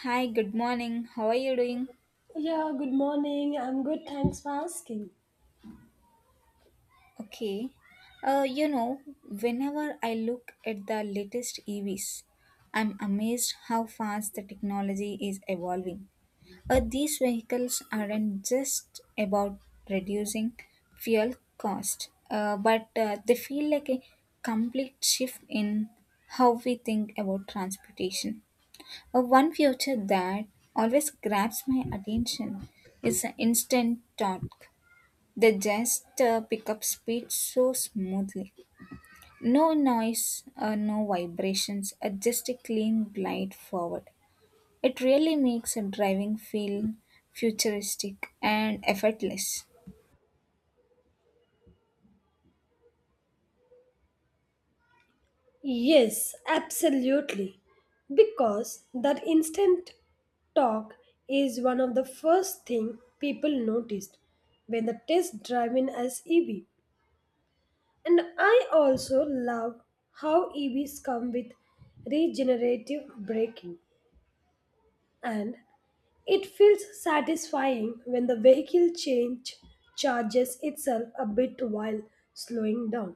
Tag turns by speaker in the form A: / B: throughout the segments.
A: Hi, good morning. How are you doing?
B: Yeah, good morning. I'm good. Thanks for asking.
A: Okay. Whenever I look at the latest EVs, I'm amazed how fast the technology is evolving. These vehicles aren't just about reducing fuel cost, but they feel like a complete shift in how we think about transportation. One feature that always grabs my attention is the instant torque. They just pick up speed so smoothly. No noise, no vibrations, just a clean glide forward. It really makes a driving feel futuristic and effortless.
B: Yes, absolutely. Because that instant talk is one of the first thing people noticed when the test drive in as EV. And I also love how EVs come with regenerative braking and it feels satisfying when the vehicle change charges itself a bit while slowing down,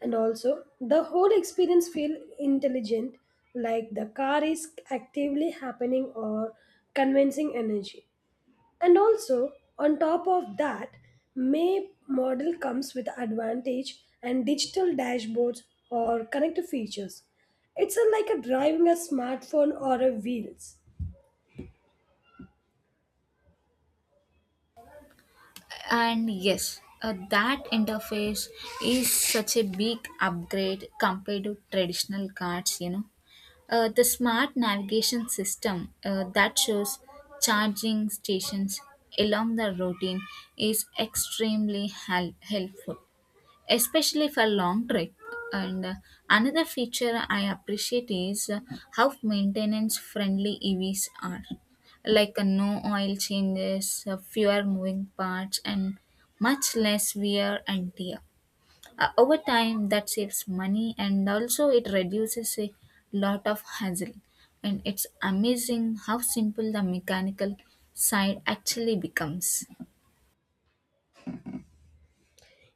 B: and also the whole experience feel intelligent, like the car is actively happening or convincing energy. And also on top of that, may model comes with advantage and digital dashboards or connected features. It's a, like a driving a smartphone or a wheels.
A: And yes, that interface is such a big upgrade compared to traditional cars, you know. The smart navigation system that shows charging stations along the routine is extremely helpful, especially for long trip. And another feature I appreciate is how maintenance friendly EVs are, like no oil changes, fewer moving parts, and much less wear and tear. Over time, that saves money and also it reduces a lot of hassle. And it's amazing how simple the mechanical side actually becomes.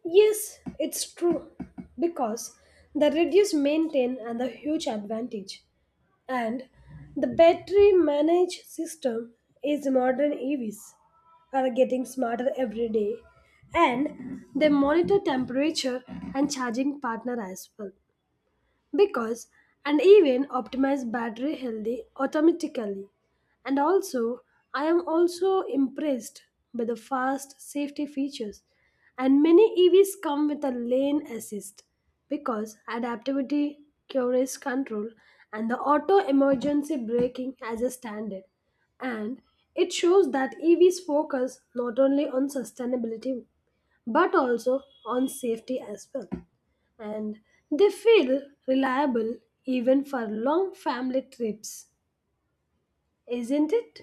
B: Yes, it's true because the reduced maintain and the huge advantage and the battery managed system is modern EVs are getting smarter every day, and they monitor temperature and charging partner as well because and even optimize battery healthy automatically. And also I am also impressed by the fast safety features, and many EVs come with a lane assist because adaptivity cures control and the auto emergency braking as a standard. And it shows that EVs focus not only on sustainability but also on safety as well, and they feel reliable even for long family trips, isn't it?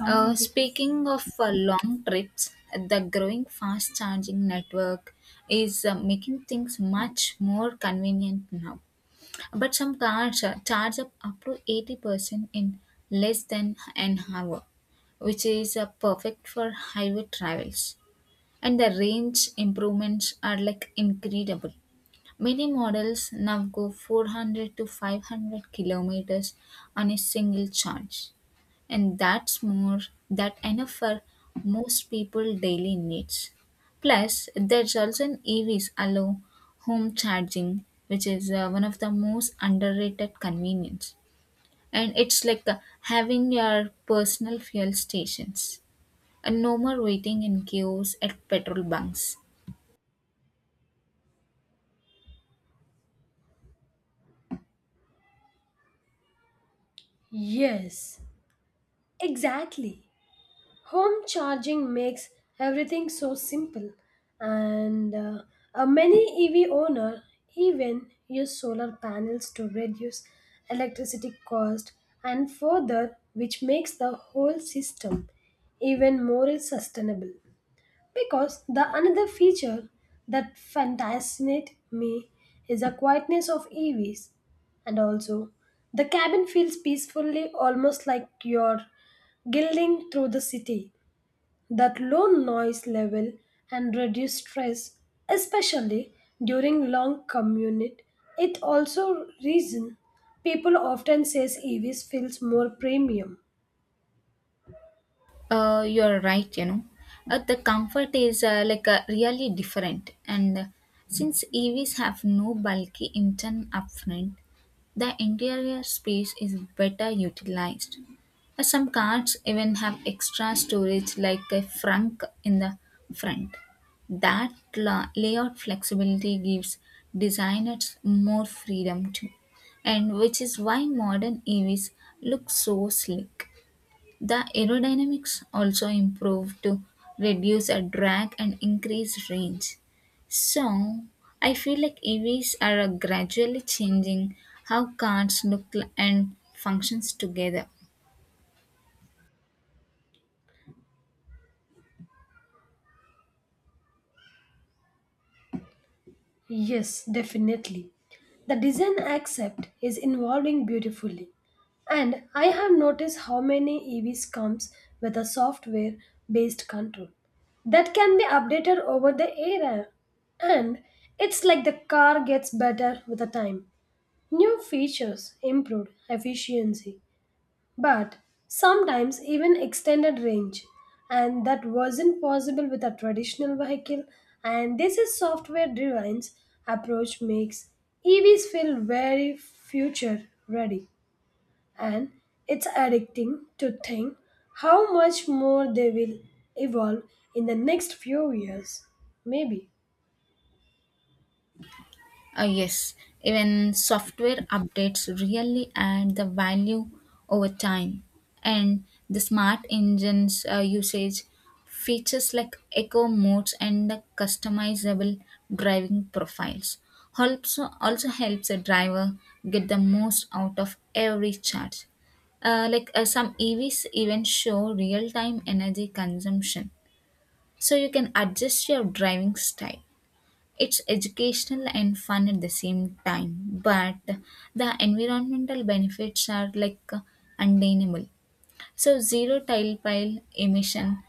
A: Speaking of long trips, the growing fast charging network is making things much more convenient now. But some cars charge up to 80% in less than an hour, which is perfect for highway travels. And the range improvements are like incredible. Many models now go 400 to 500 kilometers on a single charge, and that's more that enough for most people daily needs. Plus, there's also an EVs allow home charging, which is one of the most underrated convenience. And it's like having your personal fuel stations and no more waiting in queues at petrol bunks.
B: Yes, exactly. Home charging makes everything so simple, and a many EV owner even use solar panels to reduce electricity cost and further, which makes the whole system even more sustainable. Because the another feature that fascinates me is the quietness of EVs, and also the cabin feels peacefully almost like you're gliding through the city. That low noise level and reduced stress, especially during long commute, it also reason people often says EVs feels more premium.
A: You're right, you know. The comfort is like really different, and since EVs have no bulky engine upfront, the interior space is better utilized. Some cars even have extra storage, like a trunk in the front. That layout flexibility gives designers more freedom too, and which is why modern EVs look so sleek. The aerodynamics also improved to reduce a drag and increase range. So, I feel like EVs are gradually changing how cars look and functions together.
B: Yes, definitely. The design accept is evolving beautifully. And I have noticed how many EVs comes with a software based control that can be updated over the air. And it's like the car gets better with the time. New features improve efficiency, but sometimes even extended range, and that wasn't possible with a traditional vehicle. And this is software driven approach makes EVs feel very future ready, and it's addicting to think how much more they will evolve in the next few years maybe.
A: Yes, even software updates really add the value over time. And the smart engines usage features like eco modes and the customizable driving profiles also helps a driver get the most out of every charge. Like, some EVs even show real time energy consumption, so you can adjust your driving style. It's educational and fun at the same time, but the environmental benefits are like undeniable. So zero tile pile emission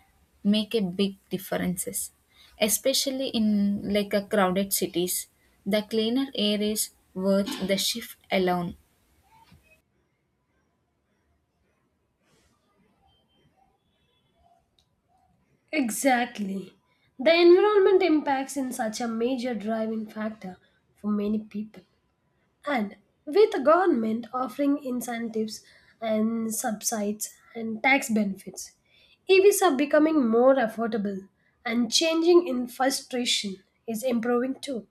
A: make a big differences, especially in like a crowded cities. The cleaner air is worth the shift alone.
B: Exactly. The environment impacts in such a major driving factor for many people. And with the government offering incentives and subsides and tax benefits, EVs are becoming more affordable, and changing in frustration is improving too,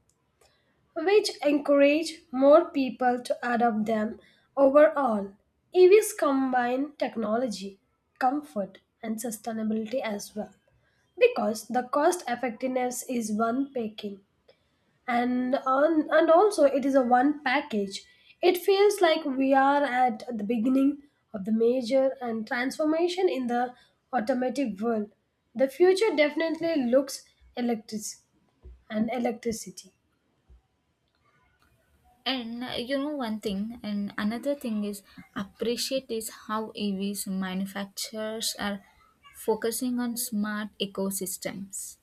B: which encourage more people to adopt them overall. EVs combine technology, comfort and sustainability as well, because the cost effectiveness is one packing and on, and also it is a one package. It feels like we are at the beginning of the major and transformation in the automotive world. The future definitely looks electric and electricity.
A: And another thing is appreciate is how EVs manufacturers are focusing on smart ecosystems.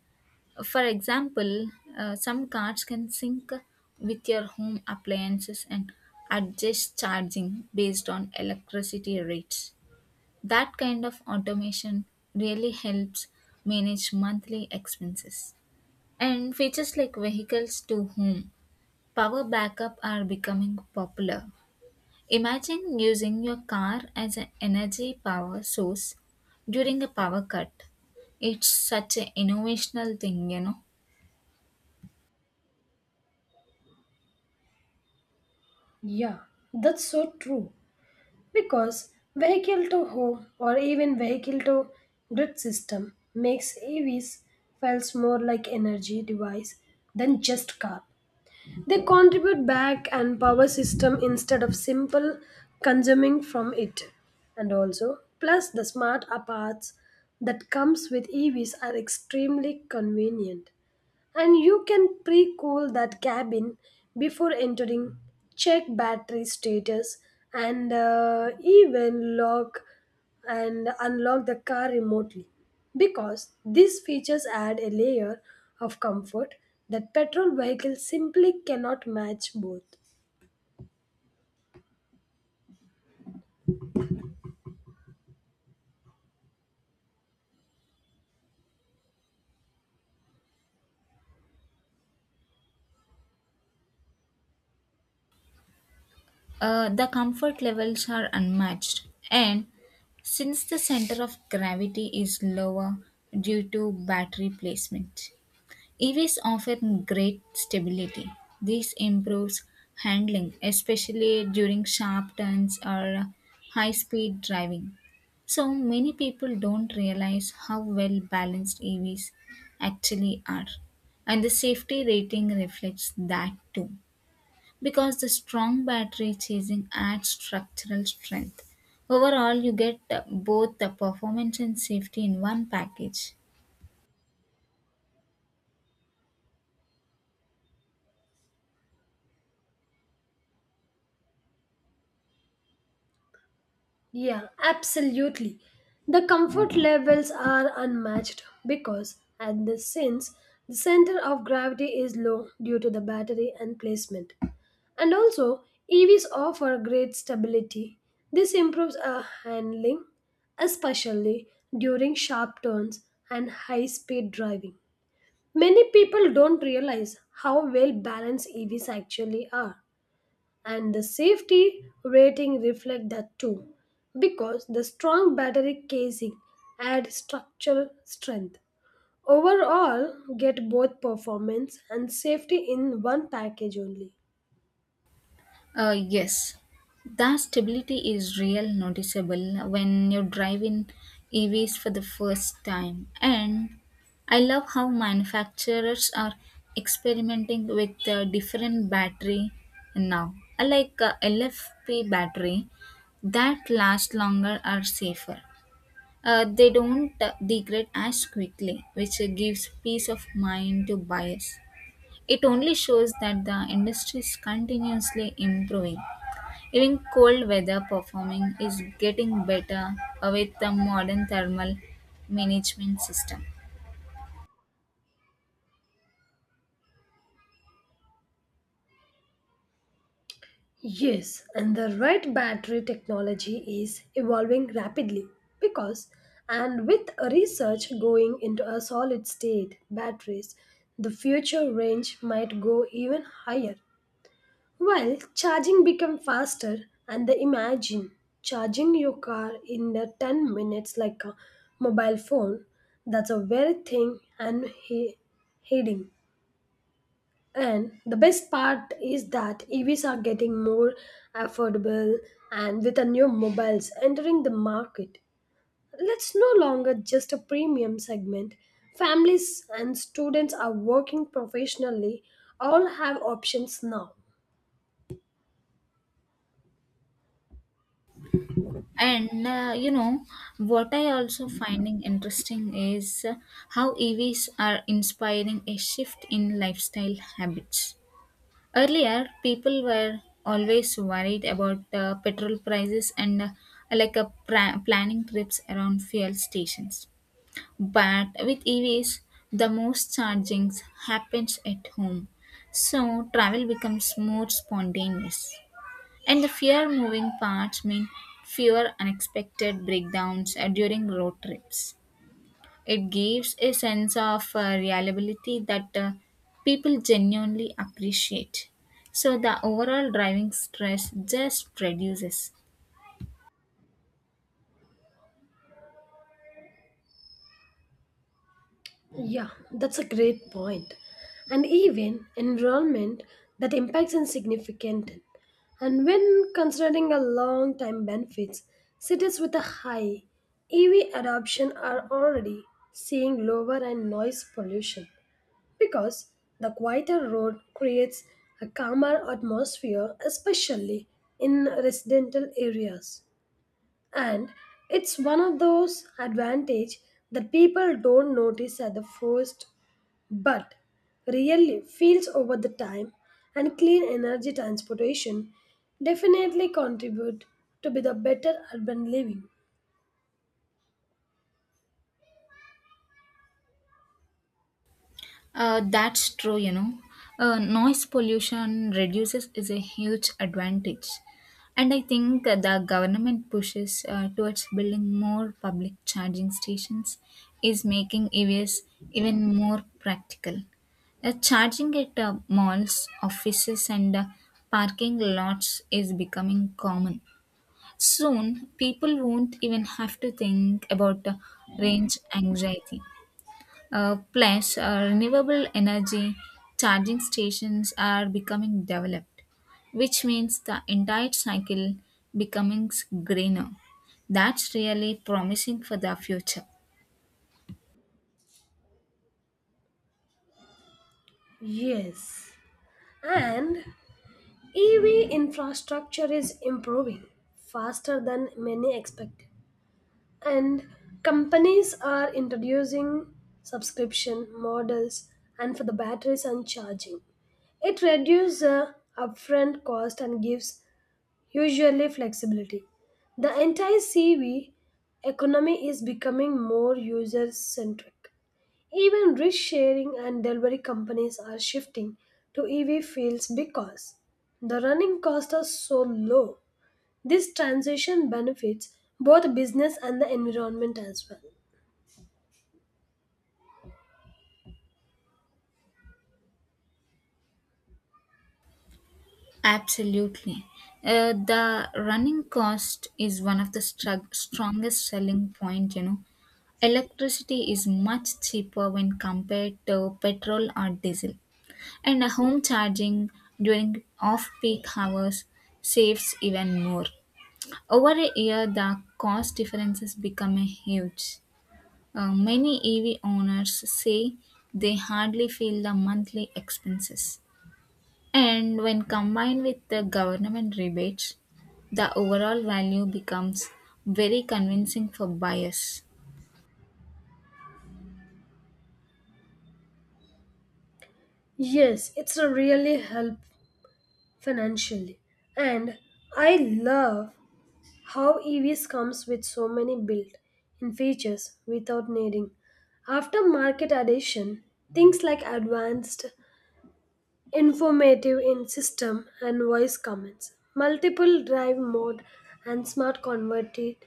A: For example, some cards can sync with your home appliances and adjust charging based on electricity rates. That kind of automation really helps manage monthly expenses. And features like vehicles to home, power backup are becoming popular. Imagine using your car as an energy power source during a power cut. It's such an innovational thing, you know.
B: Yeah, that's so true because vehicle to home or even vehicle to grid system makes EVs feels more like energy device than just car. They contribute back and power system instead of simple consuming from it. And also, plus the smart parts that comes with EVs are extremely convenient, and you can pre cool that cabin before entering, check battery status, and even lock and unlock the car remotely. Because these features add a layer of comfort that petrol vehicles simply cannot match both.
A: The comfort levels are unmatched, and since the center of gravity is lower due to battery placement, EVs offer great stability. This improves handling, especially during sharp turns or high speed driving. So, many people don't realize how well balanced EVs actually are, and the safety rating reflects that too because the strong battery chasing adds structural strength. Overall, you get both the performance and safety in one package.
B: Yeah, absolutely. The comfort levels are unmatched because, at this since the center of gravity is low due to the battery and placement, and also, EVs offer great stability. This improves our handling, especially during sharp turns and high speed driving. Many people don't realize how well balanced EVs actually are, and the safety rating reflects that too, because the strong battery casing adds structural strength. Overall, get both performance and safety in one package only.
A: Yes, the stability is real noticeable when you drive in EVs for the first time. And I love how manufacturers are experimenting with different battery now, I like LFP battery that last longer are safer. They don't degrade as quickly, which gives peace of mind to buyers. It only shows that the industry is continuously improving. Even cold weather performing is getting better with the modern thermal management system.
B: Yes, and the right battery technology is evolving rapidly because, and with research going into a solid state batteries, the future range might go even higher. While charging become faster, and the imagine charging your car in the 10 minutes like a mobile phone, that's a very thing and heading. And the best part is that EVs are getting more affordable, and with the new mobiles entering the market, it's no longer just a premium segment. Families and students are working professionally all have options now.
A: And what I also finding interesting is how EVs are inspiring a shift in lifestyle habits. Earlier, people were always worried about petrol prices and like a planning trips around fuel stations. But with EVs, the most chargings happens at home, so travel becomes more spontaneous. And the fewer moving parts mean fewer unexpected breakdowns during road trips. It gives a sense of reliability that people genuinely appreciate. So the overall driving stress just reduces.
B: Yeah, that's a great point. And even enrollment that impacts is significant. And when considering a long time benefits, cities with a high EV adoption are already seeing lower and noise pollution because the quieter road creates a calmer atmosphere, especially in residential areas. And it's one of those advantage that people don't notice at the first, but really feels over the time. And clean energy transportation definitely contribute to be the better urban living.
A: That's true, you know. Noise pollution reduces is a huge advantage. And I think the government pushes towards building more public charging stations is making EVs even more practical. Charging at malls, offices, and parking lots is becoming common. Soon, people won't even have to think about range anxiety. Plus, renewable energy charging stations are becoming developed, which means the entire cycle becoming greener. That's really promising for the future.
B: Yes, and EV infrastructure is improving faster than many expected. And companies are introducing subscription models and for the batteries and charging. It reduces the upfront cost and gives usually flexibility. The entire CV economy is becoming more user centric. Even risk sharing and delivery companies are shifting to EV fields because the running costs are so low. This transition benefits both business and the environment as well.
A: Absolutely. The running cost is one of the strongest selling point, you know. Electricity is much cheaper when compared to petrol or diesel. And a home charging during off peak hours saves even more. Over a year, the cost differences become huge. Many EV owners say they hardly feel the monthly expenses. And when combined with the government rebates, the overall value becomes very convincing for buyers.
B: Yes, it's a really help financially. And I love how EVs comes with so many built-in features without needing aftermarket addition, things like advanced informative in system and voice commands, multiple drive mode and smart converted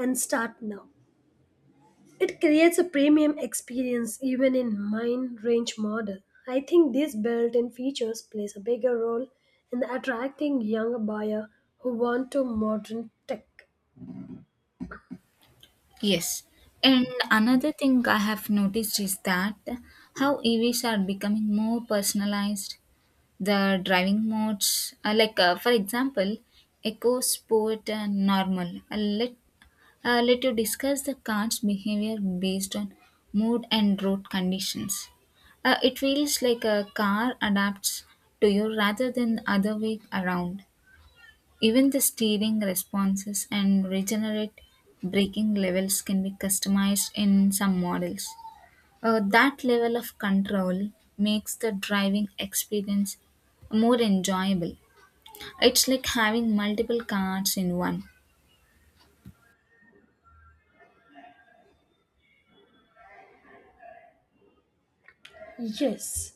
B: and start now. It creates a premium experience even in mine range model. I think these built-in features plays a bigger role in attracting younger buyer who want to modern tech.
A: Yes. And another thing I have noticed is that how EVs are becoming more personalized. The driving modes are like, for example, Eco, Sport, and Normal. Let you discuss the car's behavior based on mood and road conditions. It feels like a car adapts to you rather than the other way around. Even the steering responses and regenerate braking levels can be customized in some models. That level of control makes the driving experience more enjoyable. It's like having multiple cars in one.
B: Yes,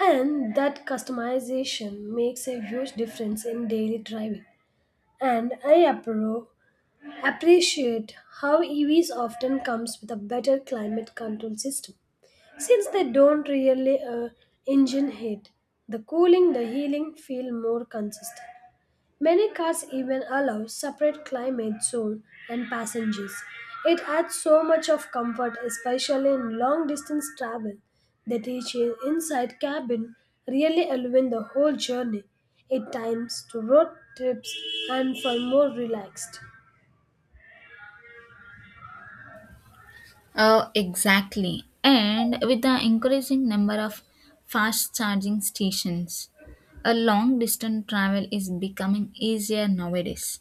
B: and that customization makes a huge difference in daily driving. And I appreciate how EVs often comes with a better climate control system. Since they don't really engine heat, the cooling, the healing feel more consistent. Many cars even allow separate climate zone and passengers. It adds so much of comfort, especially in long distance travel. The each inside cabin really elevate the whole journey. It times to road trips and for more relaxed.
A: Exactly. And with the increasing number of fast charging stations, a long distance travel is becoming easier nowadays.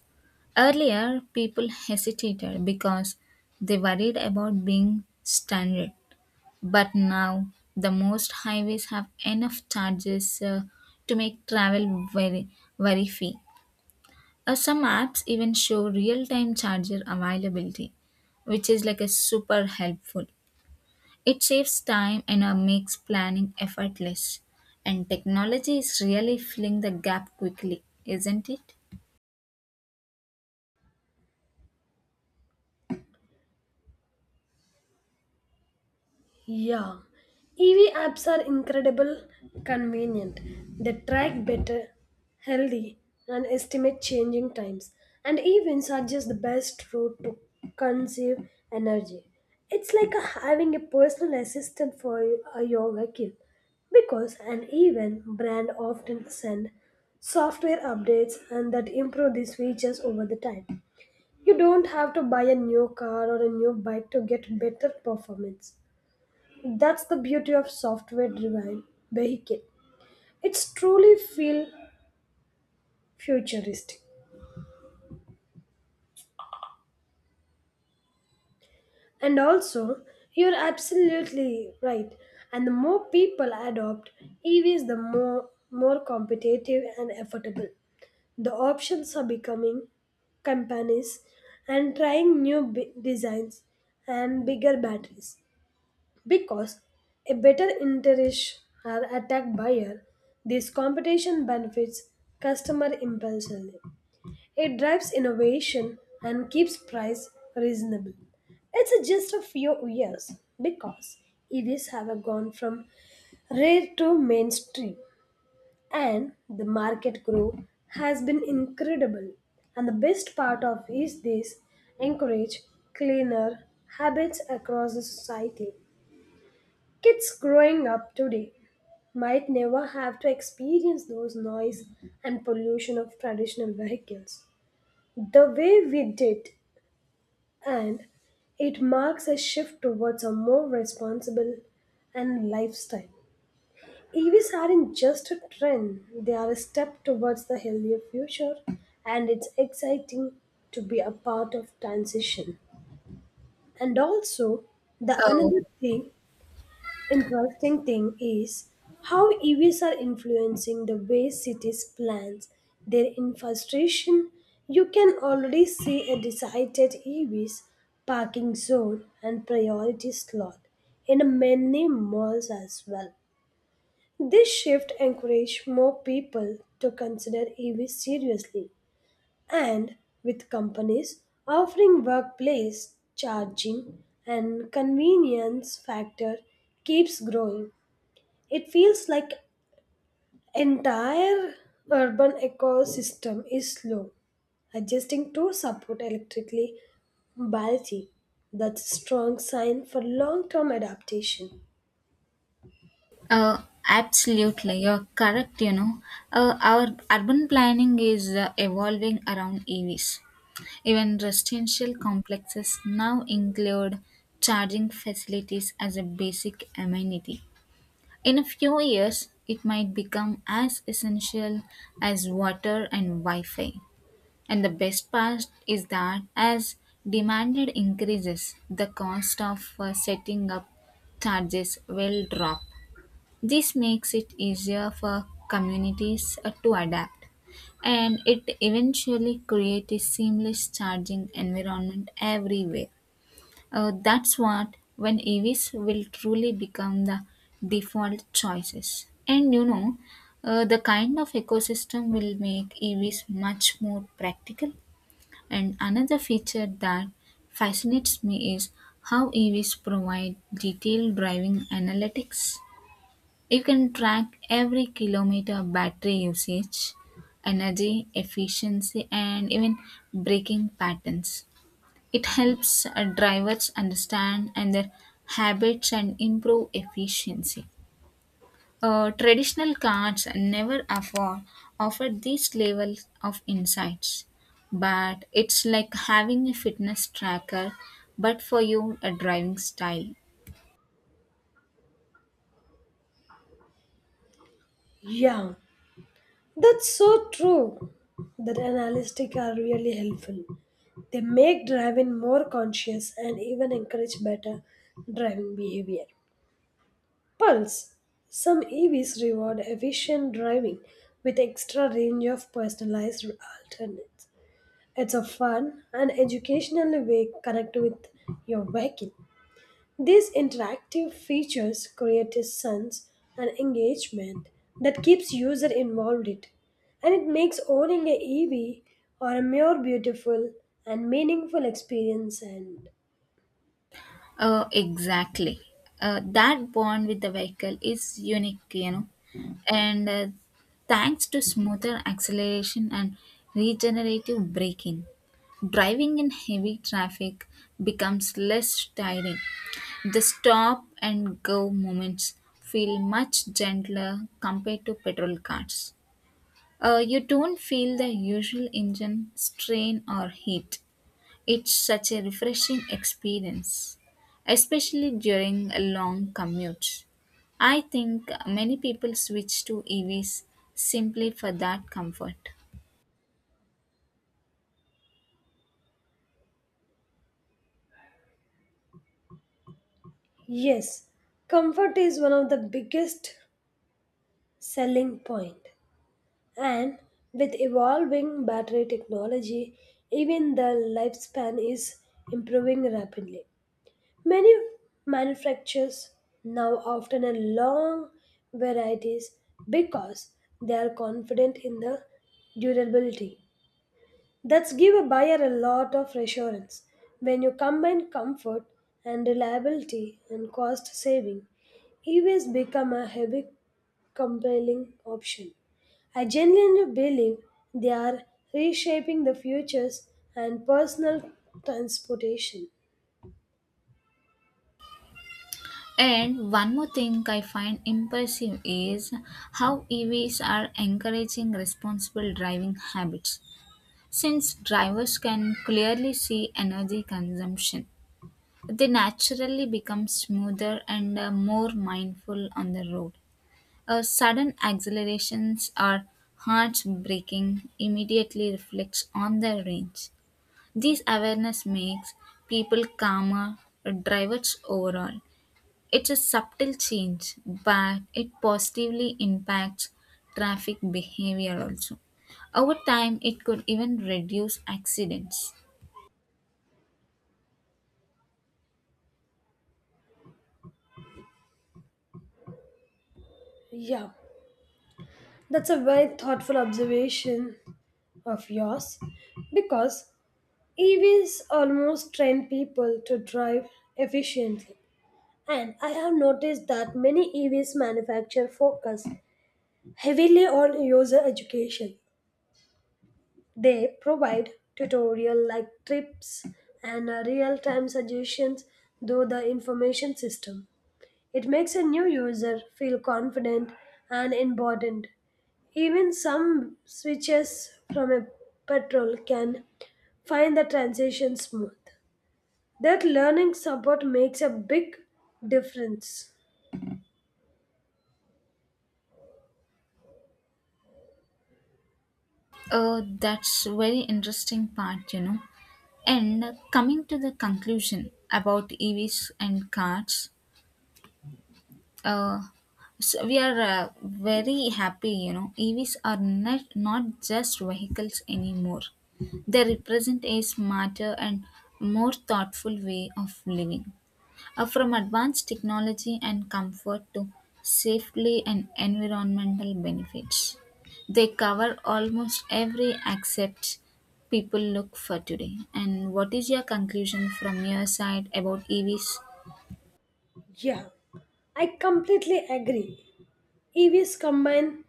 A: Earlier, people hesitated because they worried about being stranded. But now, the most highways have enough charges to make travel very, very free. Some apps even show real time charger availability, which is like a super helpful. It saves time and makes planning effortless. And technology is really filling the gap quickly, isn't it?
B: Yeah, EV apps are incredible, convenient. They track better, healthy, and estimate changing times, and even suggest the best route to conserve energy. It's like having a personal assistant for your vehicle, because an even brand often send software updates and that improve these features over the time. You don't have to buy a new car or a new bike to get better performance. That's the beauty of software driven vehicle. It's truly feel futuristic. And also, you're absolutely right. And the more people adopt EVs, the more competitive and affordable. The options are becoming companies and trying new designs and bigger batteries. Because a better interest are attacked buyer, this competition benefits customer impulsively. It drives innovation and keeps price reasonable. It's just a few years because EVs have gone from rare to mainstream, and the market growth has been incredible. And the best part of is this encourage cleaner habits across the society. Kids growing up today might never have to experience those noise and pollution of traditional vehicles the way we did, and it marks a shift towards a more responsible and lifestyle. EVs aren't just a trend, they are a step towards the healthier future, and it's exciting to be a part of transition. And also, the
A: Oh,
B: another thing interesting thing is how EVs are influencing the way cities plans their infrastructure. You can already see a decided EVs parking zone and priority slot in many malls as well. This shift encouraged more people to consider EVs seriously, and with companies offering workplace charging and convenience factor keeps growing. It feels like entire urban ecosystem is slow adjusting to support electrically mobility. That's a strong sign for long-term adaptation.
A: uh, absolutely. You're correct, you know. Our urban planning is evolving around EVs. Even residential complexes now include charging facilities as a basic amenity. In a few years, it might become as essential as water and Wi Fi. And the best part is that as demanded increases, the cost of setting up charges will drop. This makes it easier for communities to adapt, and it eventually creates a seamless charging environment everywhere. That's what when EVs will truly become the default choices. And you know, the kind of ecosystem will make EVs much more practical. And another feature that fascinates me is how EVs provide detailed driving analytics. You can track every kilometer of battery usage, energy efficiency, and even braking patterns. It helps drivers understand and their habits and improve efficiency. Traditional cars never afford, offer these levels of insights, but it's like having a fitness tracker, but for your driving style.
B: Yeah, that's so true. That analytics are really helpful. They make driving more conscious and even encourage better driving behavior. Pulse. Some EVs reward efficient driving with extra range of personalized alternates. It's a fun and educational way to connect with your vehicle. These interactive features create a sense and engagement that keeps user involved it, and it makes owning a EV or a more beautiful and meaningful experience and
A: Exactly. That bond with the vehicle is unique, you know. And thanks to smoother acceleration and regenerative braking, driving in heavy traffic becomes less tiring. The stop and go moments feel much gentler compared to petrol cars. You don't feel the usual engine strain or heat. It's such a refreshing experience, especially during a long commute. I think many people switch to EVs simply for that comfort.
B: yes, comfort is one of the biggest selling point. And with evolving battery technology, even the lifespan is improving rapidly. Many manufacturers now often a long varieties because they are confident in the durability. That's give a buyer a lot of reassurance. When you combine comfort and reliability and cost saving, EVs become a heavy compelling option. I genuinely believe they are reshaping the futures and personal transportation.
A: And one more thing I find impressive is how EVs are encouraging responsible driving habits. Since drivers can clearly see energy consumption, they naturally become smoother and more mindful on the road. A sudden accelerations or hearts breaking immediately reflects on their range. This awareness makes people calmer, drivers overall. It's a subtle change, but it positively impacts traffic behavior also. Over time, it could even reduce accidents.
B: Yeah, that's a very thoughtful observation of yours because EVs almost train people to drive efficiently. And I have noticed that many EVs manufacturers focus heavily on user education. They provide tutorial like trips and real time suggestions through the information system. It makes a new user feel confident and important. Even some switches from a petrol can find the transition smooth. That learning support makes a big difference.
A: Oh, that's very interesting part, you know. And coming to the conclusion about EVs and cars, uh, so we are very happy you know EVs are not just vehicles anymore. They represent a smarter and more thoughtful way of living. From advanced technology and comfort to safely and environmental benefits, they cover almost every aspect people look for today. And what is your conclusion from your side about EVs?
B: Yeah, I completely agree. EVs combine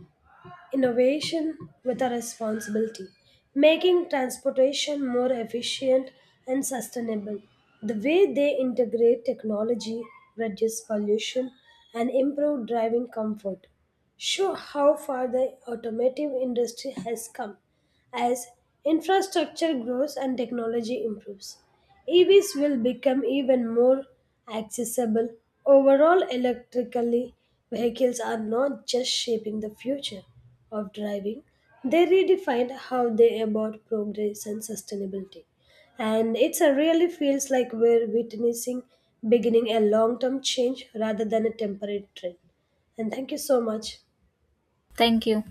B: innovation with a responsibility, making transportation more efficient and sustainable. The way they integrate technology, reduce pollution, and improve driving comfort show how far the automotive industry has come. As infrastructure grows and technology improves, EVs will become even more accessible. Overall, electrically vehicles are not just shaping the future of driving, they redefine how they about progress and sustainability. And it really feels like we're witnessing beginning a long-term change rather than a temporary trend. And thank you so much.
A: Thank you.